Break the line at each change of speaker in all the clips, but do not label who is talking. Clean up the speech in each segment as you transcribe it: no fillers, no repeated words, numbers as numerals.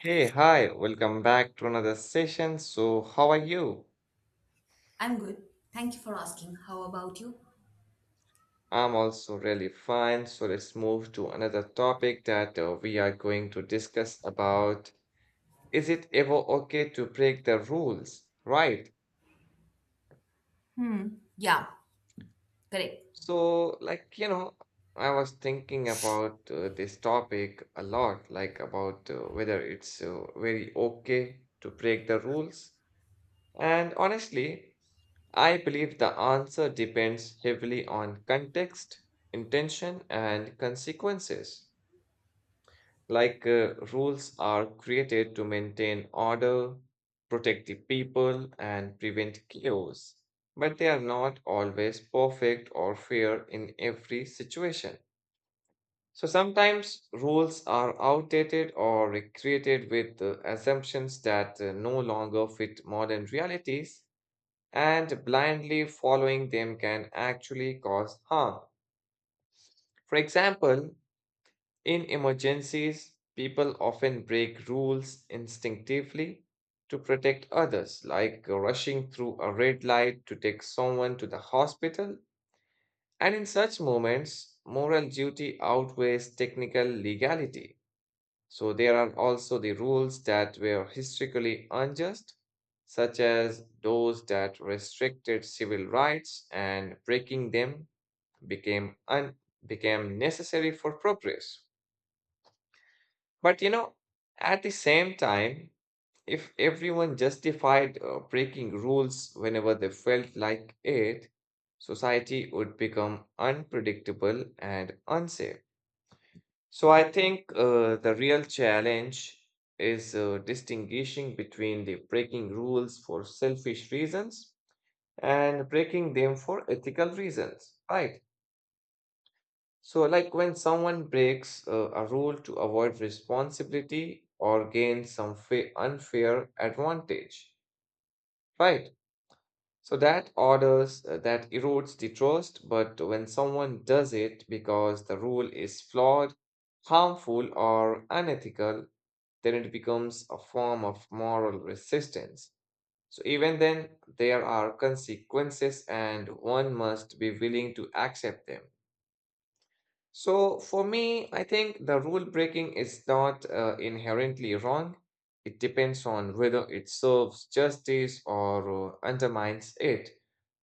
Hey, hi, welcome back to another session. So, how are you?
I'm good. Thank you for asking. How about you?
I'm also really fine. So, let's move to another topic that we are going to discuss about. Is it ever okay to break the rules? Right.
Hmm. Yeah, correct.
So, like, you know, I was thinking about this topic a lot, like about whether it's very okay to break the rules. And honestly, I believe the answer depends heavily on context, intention, and consequences. Like rules are created to maintain order, protect the people, and prevent chaos, but they are not always perfect or fair in every situation. So sometimes rules are outdated or created with assumptions that no longer fit modern realities, and blindly following them can actually cause harm. For example, in emergencies, people often break rules instinctively to protect others, like rushing through a red light to take someone to the hospital. And in such moments, moral duty outweighs technical legality. So there are also the rules that were historically unjust, such as those that restricted civil rights, and breaking them became un- became necessary for progress. But you know, at the same time, if everyone justified breaking rules whenever they felt like it, society would become unpredictable and unsafe. So I think the real challenge is distinguishing between the breaking rules for selfish reasons and breaking them for ethical reasons, right? So like when someone breaks a rule to avoid responsibility or gain some unfair advantage, right? So that orders that erodes the trust, but when someone does it because the rule is flawed, harmful or unethical, then it becomes a form of moral resistance. So, even then, there are consequences and one must be willing to accept them. So, for me, I think the rule breaking is not inherently wrong. It depends on whether it serves justice or undermines it.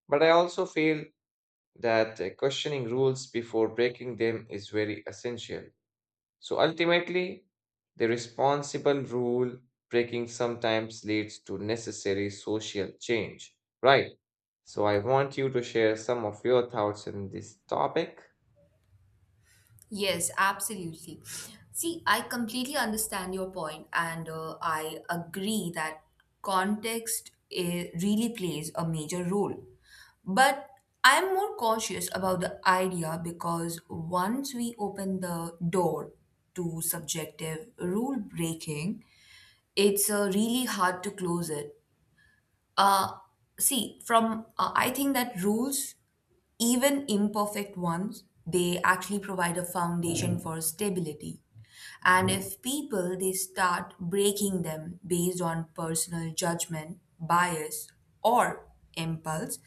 But I also feel that questioning rules before breaking them is very essential. So ultimately, the responsible rule breaking sometimes leads to necessary social change, right? So I want you to share some of your thoughts on this topic.
Yes, absolutely. See, I completely understand your point, and I agree that context really plays a major role. But I'm more cautious about the idea because once we open the door to subjective rule breaking, it's really hard to close it. Uh, See, from I think that rules, even imperfect ones, they actually provide a foundation for stability. And if people they start breaking them based on personal judgment, bias, or impulse,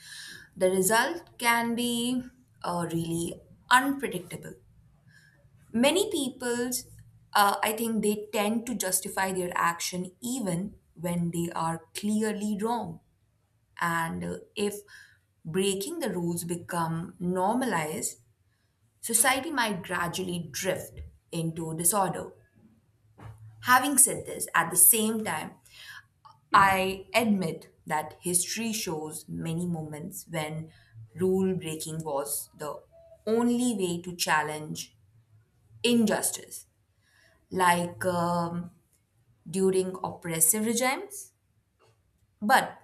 the result can be really unpredictable. Many people's, I think, they tend to justify their action even when they are clearly wrong. And if breaking the rules become normalized, society might gradually drift into disorder. Having said this, at the same time, I admit that history shows many moments when rule breaking was the only way to challenge injustice, like during oppressive regimes. But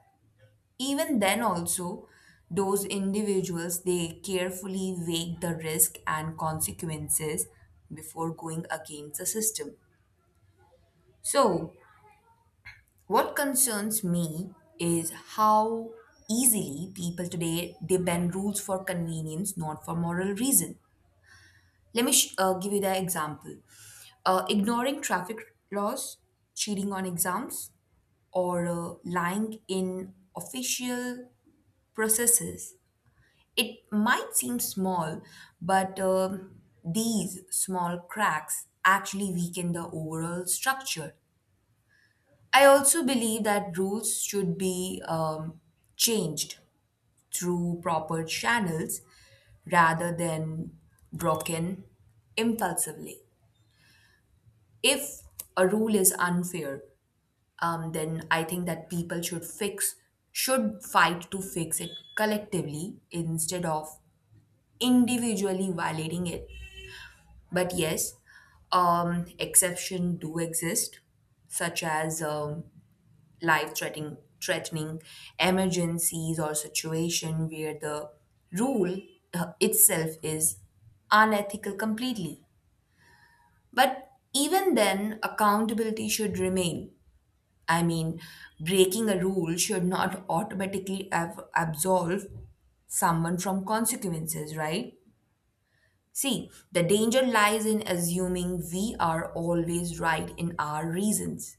even then also, those individuals they carefully weigh the risk and consequences before going against the system. So what concerns me is how easily people today they bend rules for convenience, not for moral reason. Let me give you the example. Ignoring traffic laws, cheating on exams, or lying in official processes. It might seem small, but these small cracks actually weaken the overall structure. I also believe that rules should be changed through proper channels rather than broken impulsively. If a rule is unfair, then I think that people should fix should fight to fix it collectively instead of individually violating it. But yes, exceptions do exist, such as life-threatening threatening emergencies, or situation where the rule itself is unethical completely. But even then, accountability should remain. I mean, breaking a rule should not automatically absolve someone from consequences, right? See, the danger lies in assuming we are always right in our reasons,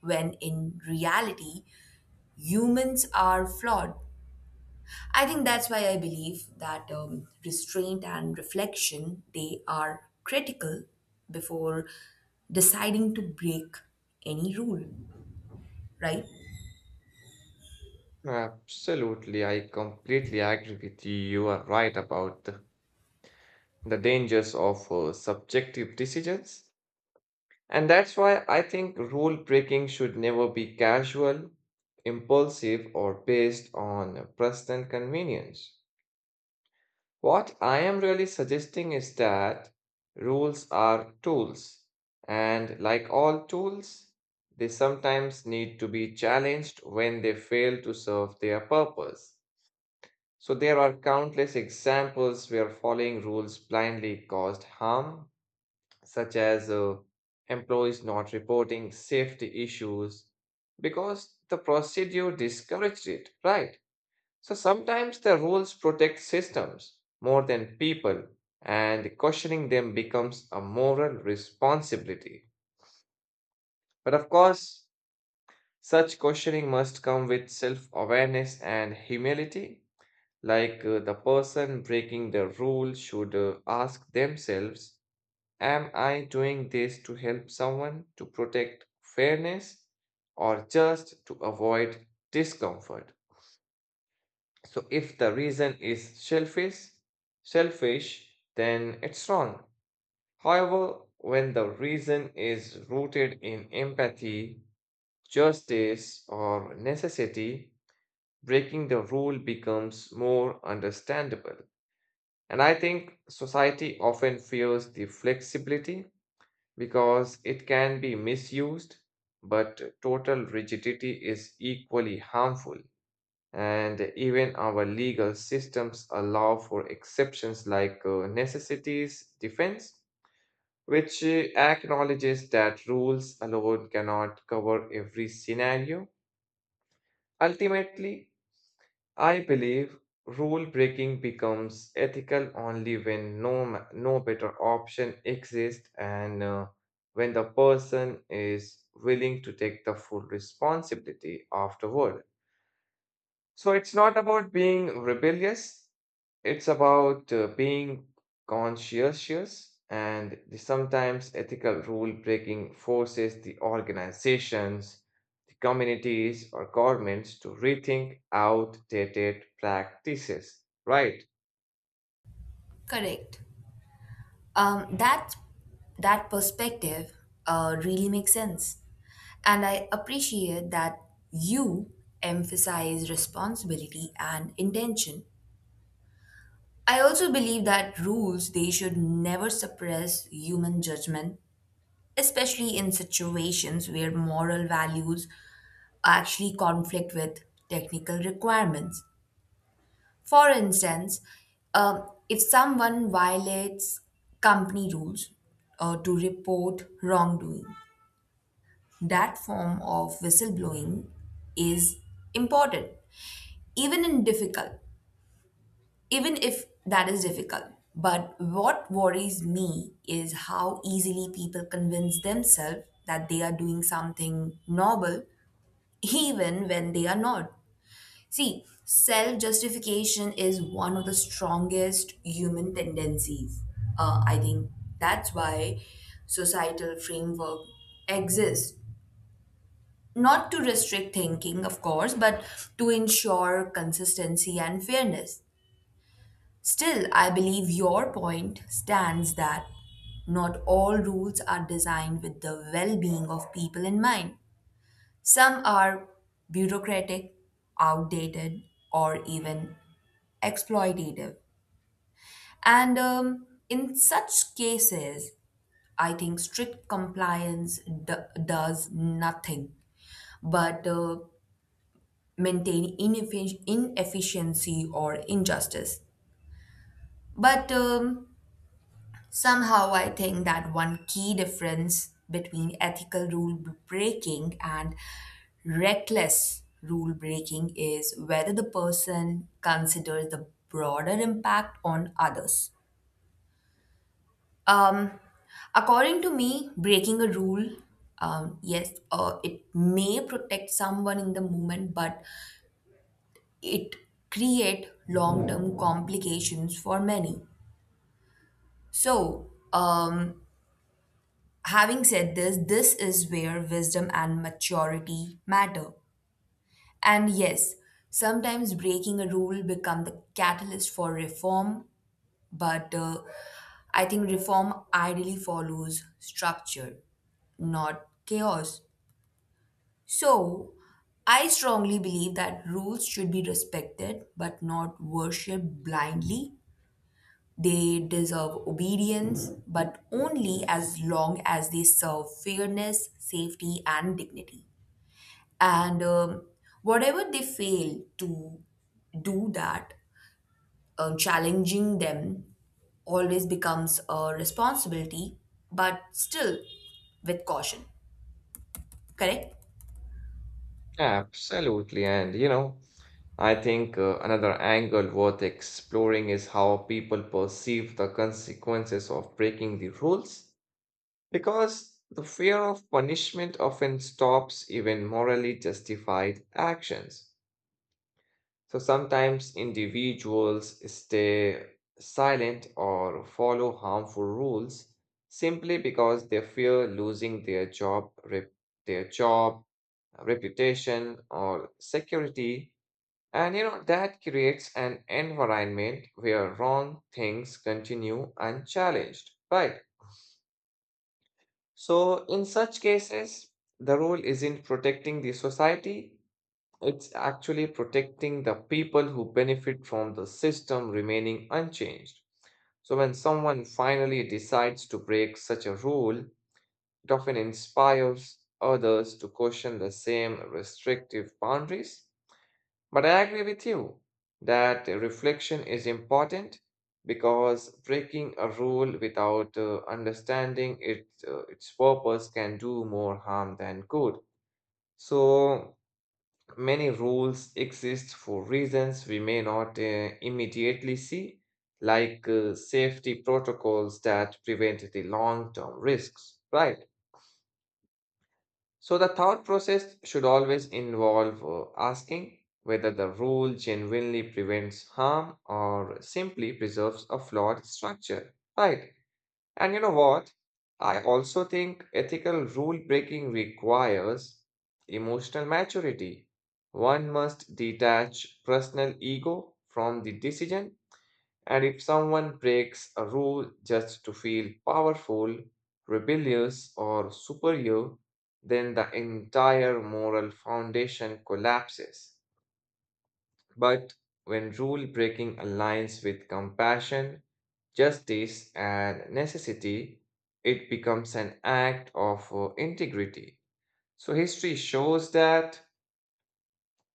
when in reality, humans are flawed. I think that's why I believe that restraint and reflection they are critical before deciding to break any rule, right?
Absolutely, I completely agree with you. You are right about the dangers of subjective decisions. And that's why I think rule breaking should never be casual, impulsive, or based on personal convenience. What I am really suggesting is that rules are tools, and like all tools, they sometimes need to be challenged when they fail to serve their purpose. So there are countless examples where following rules blindly caused harm, such as employees not reporting safety issues because the procedure discouraged it, right? So sometimes the rules protect systems more than people, and questioning them becomes a moral responsibility. But of course, such questioning must come with self awareness and humility. Like the person breaking the rule should ask themselves, am I doing this to help someone, to protect fairness, or just to avoid discomfort? So if the reason is shellfish, then it's wrong. However, when the reason is rooted in empathy, justice, or necessity, breaking the rule becomes more understandable. And I think society often fears the flexibility because it can be misused, but total rigidity is equally harmful. And even our legal systems allow for exceptions like necessities defense, which acknowledges that rules alone cannot cover every scenario. Ultimately, I believe rule breaking becomes ethical only when no better option exists, and when the person is willing to take the full responsibility afterward. So it's not about being rebellious, it's about being conscientious, and the sometimes ethical rule breaking forces the organizations, the communities, or governments to rethink outdated practices. Right?
Correct. Um, that that perspective really makes sense, and I appreciate that you emphasize responsibility and intention. I also believe that rules they should never suppress human judgment, especially in situations where moral values actually conflict with technical requirements. For instance, if someone violates company rules to report wrongdoing, that form of whistleblowing is important, even in difficult, even if that is difficult. But what worries me is how easily people convince themselves that they are doing something noble, even when they are not. See, self justification is one of the strongest human tendencies. I think that's why societal framework exists. Not to restrict thinking, of course, but to ensure consistency and fairness. Still, I believe your point stands that not all rules are designed with the well being of people in mind. Some are bureaucratic, outdated, or even exploitative. And in such cases, I think strict compliance does nothing but maintain inefficiency or injustice. But somehow, I think that one key difference between ethical rule breaking and reckless rule breaking is whether the person considers the broader impact on others. Um, According to me, breaking a rule, yes, it may protect someone in the moment, but it create long-term complications for many. So, having said this, this is where wisdom and maturity matter. And yes, sometimes breaking a rule become the catalyst for reform, but I think reform ideally follows structure, not chaos. So, I strongly believe that rules should be respected but not worshipped blindly. They deserve obedience, but only as long as they serve fairness, safety, and dignity. And whatever they fail to do that, challenging them always becomes a responsibility, but still with caution. Correct?
Absolutely. And you know, I think another angle worth exploring is how people perceive the consequences of breaking the rules. Because the fear of punishment often stops even morally justified actions. So sometimes individuals stay silent or follow harmful rules simply because they fear losing their their job, reputation, or security. And you know that creates an environment where wrong things continue unchallenged, right? So, in such cases, the rule isn't protecting the society, it's actually protecting the people who benefit from the system remaining unchanged. So, when someone finally decides to break such a rule, it often inspires others to question the same restrictive boundaries. But I agree with you that reflection is important because breaking a rule without understanding its purpose can do more harm than good. So many rules exist for reasons we may not immediately see, like safety protocols that prevent the long-term risks, right? So the thought process should always involve asking whether the rule genuinely prevents harm or simply preserves a flawed structure. Right. And you know what? I also think ethical rule breaking requires emotional maturity. One must detach personal ego from the decision, and if someone breaks a rule just to feel powerful, rebellious, or superior, then the entire moral foundation collapses. But when rule breaking aligns with compassion, justice, and necessity, it becomes an act of integrity. So, history shows that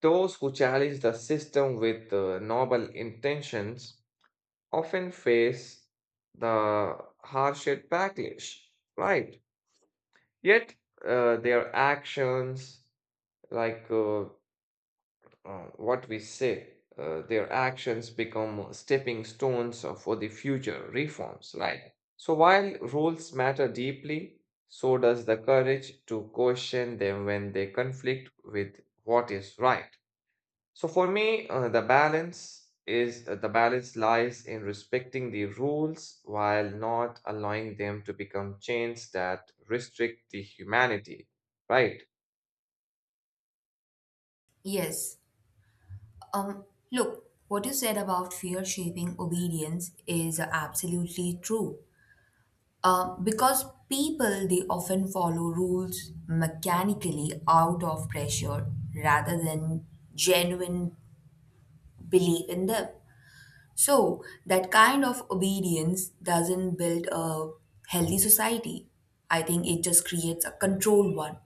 those who challenge the system with noble intentions often face the harshed backlash, right? Yet their actions, like uh, uh, their actions become stepping stones for the future reforms, right? So while rules matter deeply, so does the courage to question them when they conflict with what is right. So for me, the balance lies in respecting the rules while not allowing them to become chains that restrict the humanity, right?
Yes. Um, Look, what you said about fear shaping obedience is absolutely true. Because people they often follow rules mechanically out of pressure rather than genuine belief in them. So that kind of obedience doesn't build a healthy society. I think it just creates a controlled one.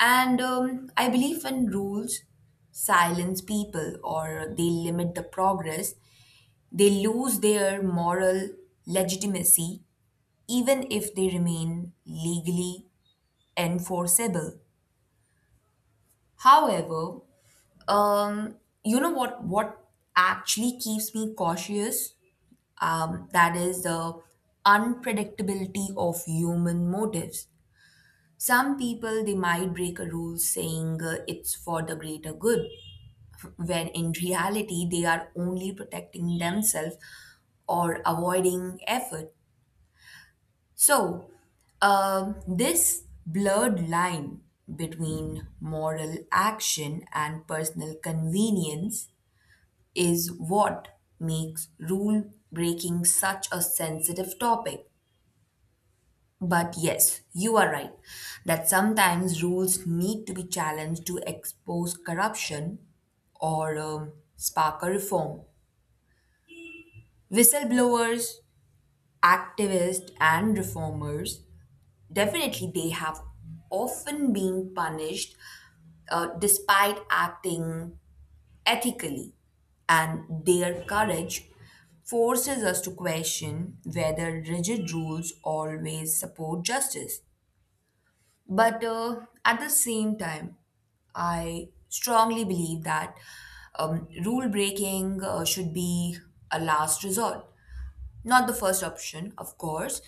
And I believe when rules silence people or they limit the progress, they lose their moral legitimacy even if they remain legally enforceable. However, um, you know what actually keeps me cautious? That is the unpredictability of human motives. Some people they might break a rule saying it's for the greater good, when in reality they are only protecting themselves or avoiding effort. So, this blurred line between moral action and personal convenience is what makes rule breaking such a sensitive topic. But yes, you are right that sometimes rules need to be challenged to expose corruption or spark a reform. Whistleblowers, activists, and reformers definitely, they have often been punished despite acting ethically, and their courage forces us to question whether rigid rules always support justice. But at the same time, I strongly believe that rule breaking should be a last resort, not the first option, of course,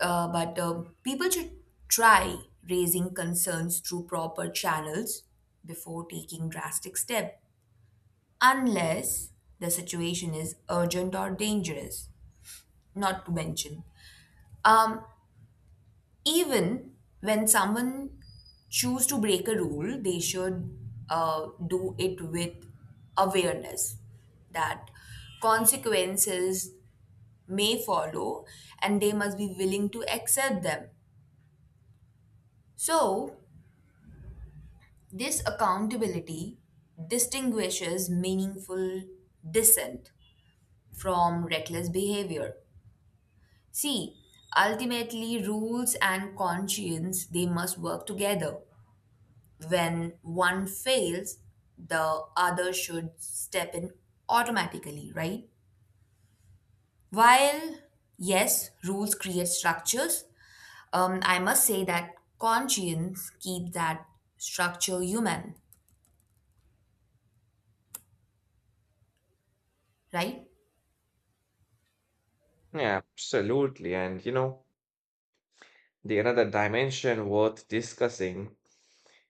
but people should try raising concerns through proper channels before taking drastic steps, unless the situation is urgent or dangerous, not to mention. Um, Even when someone choose to break a rule, they should do it with awareness that consequences may follow and they must be willing to accept them. So, this accountability distinguishes meaningful dissent from reckless behavior. See, ultimately rules and conscience they must work together. When one fails, the other should step in automatically, right? While yes, rules create structures, I must say that conscience keeps that structure human, right?
Yeah, absolutely. And you know, the another dimension worth discussing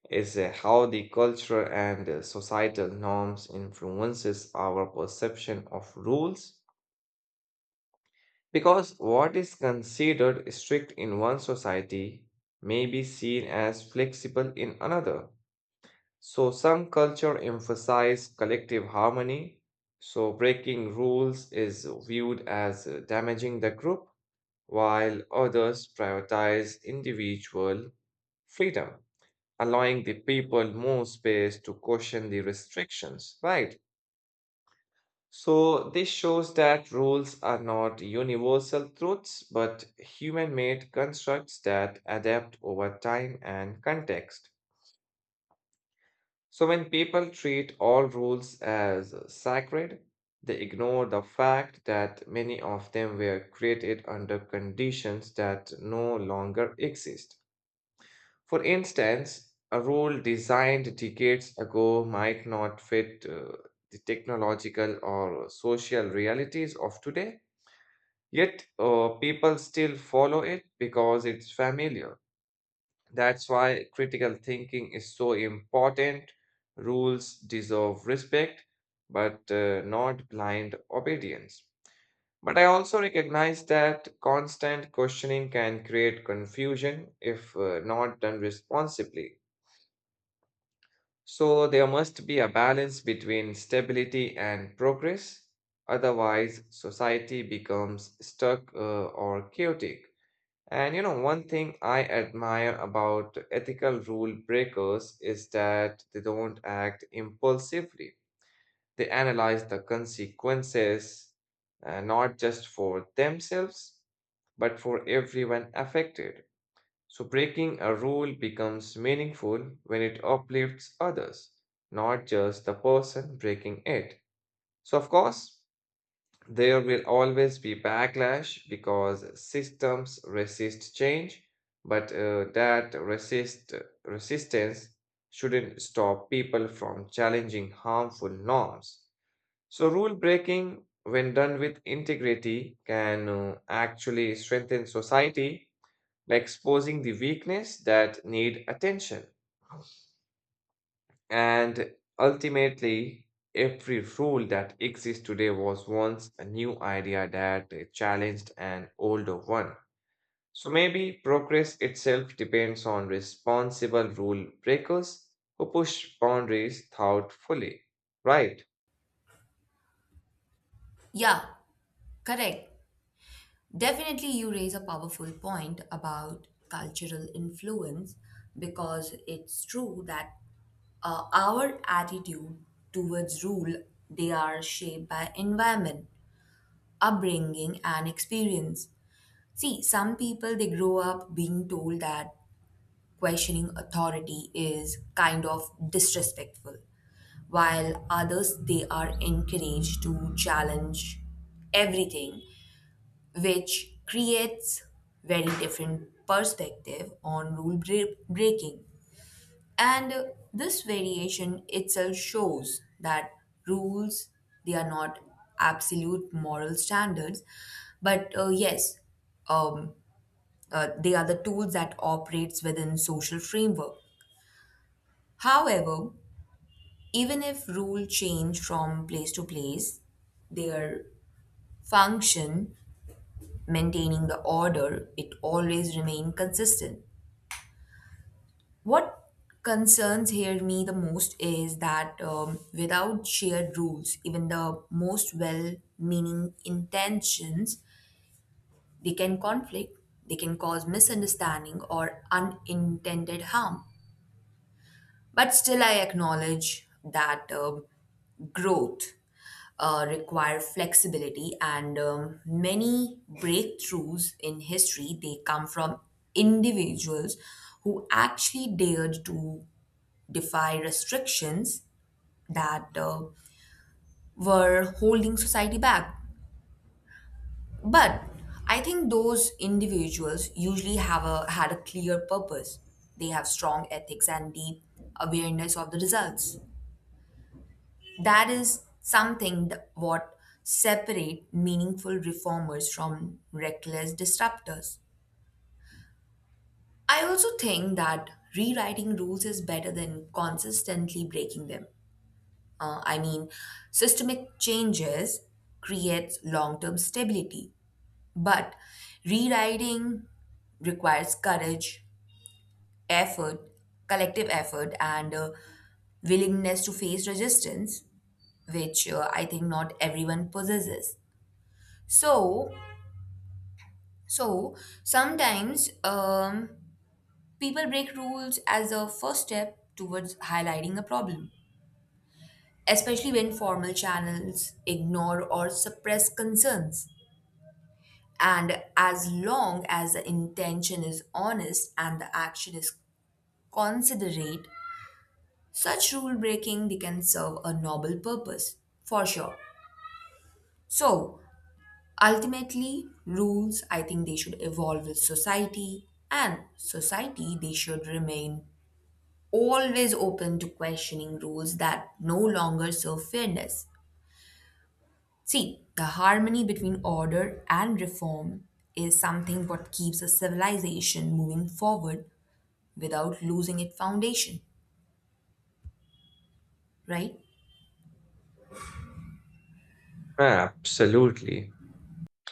is how the cultural and societal norms influences our perception of rules. Because what is considered strict in one society may be seen as flexible in another. So, some culture emphasize collective harmony, so breaking rules is viewed as damaging the group, while others prioritize individual freedom, allowing the people more space to question the restrictions, right? So, this shows that rules are not universal truths, but human made constructs that adapt over time and context. So, when people treat all rules as sacred, they ignore the fact that many of them were created under conditions that no longer exist. For instance, a rule designed decades ago might not fit the technological or social realities of today. Yet, people still follow it because it's familiar. That's why critical thinking is so important. Rules deserve respect, but not blind obedience. But I also recognize that constant questioning can create confusion if not done responsibly. So, there must be a balance between stability and progress. Otherwise, society becomes stuck or chaotic. And you know, one thing I admire about ethical rule breakers is that they don't act impulsively. They analyze the consequences, not just for themselves, but for everyone affected. So, breaking a rule becomes meaningful when it uplifts others, not just the person breaking it. So, of course, there will always be backlash because systems resist change, but resistance shouldn't stop people from challenging harmful norms. So, rule breaking, when done with integrity, can actually strengthen society by exposing the weakness that need attention. And ultimately, every rule that exists today was once a new idea that challenged an older one. So maybe progress itself depends on responsible rule breakers who push boundaries thoughtfully, right?
Yeah, correct. Definitely, you raise a powerful point about cultural influence because it's true that our attitude towards rule they are shaped by environment, upbringing, and experience. See, some people they grow up being told that questioning authority is kind of disrespectful, while others they are encouraged to challenge everything, which creates very different perspective on rule breaking. And this variation itself shows that rules they are not absolute moral standards, but yes um, they are the tools that operates within social framework. However, even if rules change from place to place, their function, maintaining the order, it always remain consistent. What concerns here me the most is that without shared rules, even the most well-meaning intentions, they can conflict, they can cause misunderstanding or unintended harm. But still, I acknowledge that growth require flexibility, and many breakthroughs in history they come from individuals who actually dared to defy restrictions that were holding society back. But I think those individuals usually have a had a clear purpose. They have strong ethics and deep awareness of the results. That is something what separate meaningful reformers from reckless disruptors. I also think that rewriting rules is better than consistently breaking them. I mean, systemic changes creates long-term stability, but rewriting requires courage, effort, collective effort, and willingness to face resistance, which I think not everyone possesses. So, so sometimes people break rules as a first step towards highlighting a problem, especially when formal channels ignore or suppress concerns. And as long as the intention is honest and the action is considerate, such rule breaking they can serve a noble purpose for sure. So, ultimately, rules, I think they should evolve with society, and society, they should remain always open to questioning rules that no longer serve fairness. See, the harmony between order and reform is something what keeps a civilization moving forward without losing its foundation, right?
Absolutely.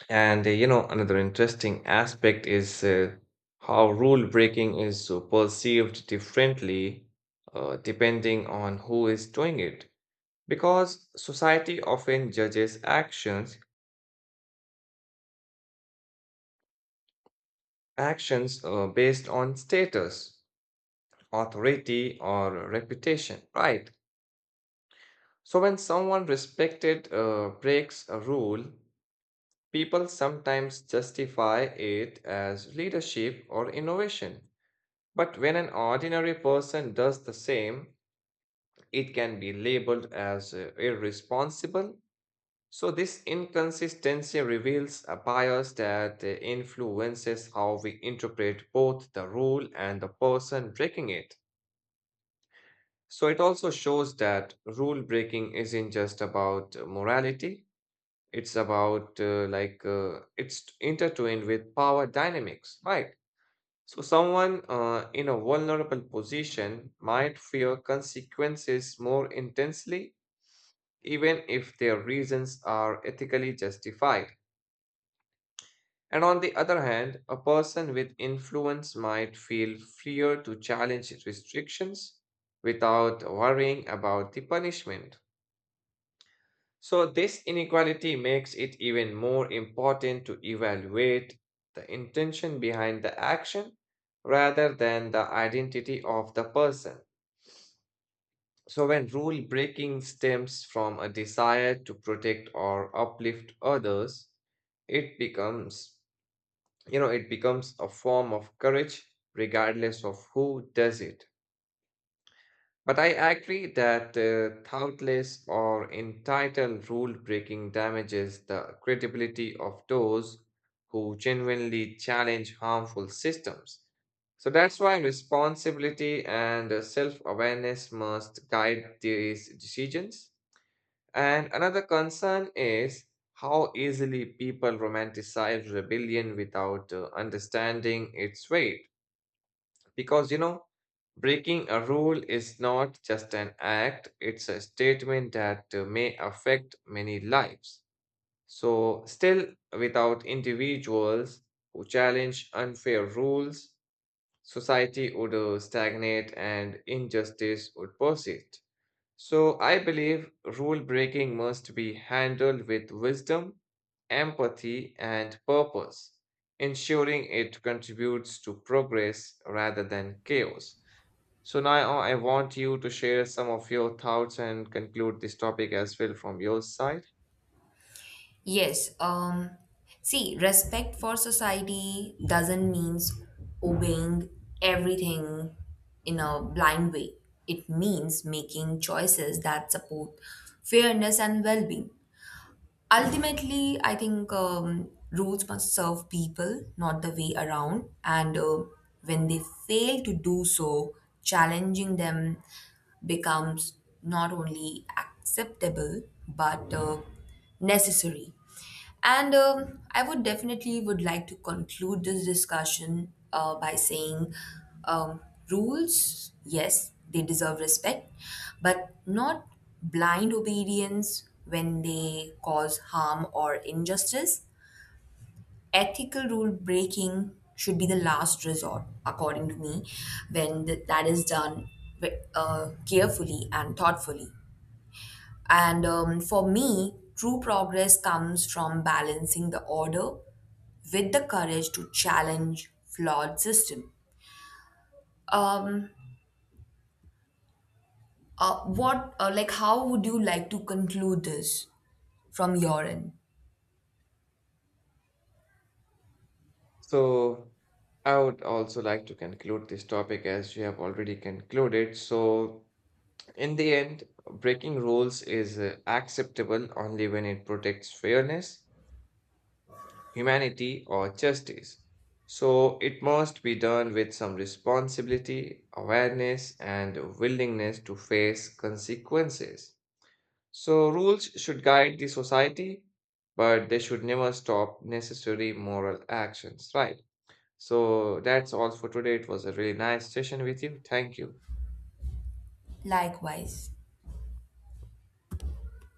And you know, another interesting aspect is how rule breaking is perceived differently, depending on who is doing it. Because society often judges actions based on status, authority, or reputation, right? So when someone respected breaks a rule, people sometimes justify it as leadership or innovation. But when an ordinary person does the same, it can be labeled as irresponsible. So, this inconsistency reveals a bias that influences how we interpret both the rule and the person breaking it. So, it also shows that rule breaking isn't just about morality, it's about it's intertwined with power dynamics, right? So, someone in a vulnerable position might fear consequences more intensely, even if their reasons are ethically justified. And on the other hand, a person with influence might feel freer to challenge restrictions without worrying about the punishment. So, this inequality makes it even more important to evaluate the intention behind the action rather than the identity of the person. So, when rule breaking stems from a desire to protect or uplift others, it becomes it becomes a form of courage, regardless of who does it. But I agree that thoughtless or entitled rule breaking damages the credibility of those who genuinely challenge harmful systems. So that's why responsibility and self awareness must guide these decisions. And another concern is how easily people romanticize rebellion without understanding its weight. Because, you know, breaking a rule is not just an act, it's a statement that may affect many lives. So, still, without individuals who challenge unfair rules, society would stagnate and injustice would persist. So I believe rule breaking must be handled with wisdom, empathy, and purpose, ensuring it contributes to progress rather than chaos. So now I want you to share some of your thoughts and conclude this topic as well from your side.
Yes. See, respect for society doesn't means obeying everything in a blind way. It means making choices that support fairness and well-being. Ultimately, I think rules must serve people, not the way around. And when they fail to do so, challenging them becomes not only acceptable but necessary. And I would definitely would like to conclude this discussion by saying um, rules, yes, they deserve respect, but not blind obedience when they cause harm or injustice. Ethical rule breaking should be the last resort, according to me, when that is done carefully and thoughtfully. And for me, true progress comes from balancing the order with the courage to challenge flawed system. Um, like, how would you like to conclude this from your end?
So I would also like to conclude this topic as you have already concluded. So, in the end, breaking rules is acceptable only when it protects fairness, humanity, or justice. So, it must be done with some responsibility, awareness, and willingness to face consequences. So, rules should guide the society, but they should never stop necessary moral actions, right? So that's all for today. It was a really nice session with you. Thank you.
Likewise.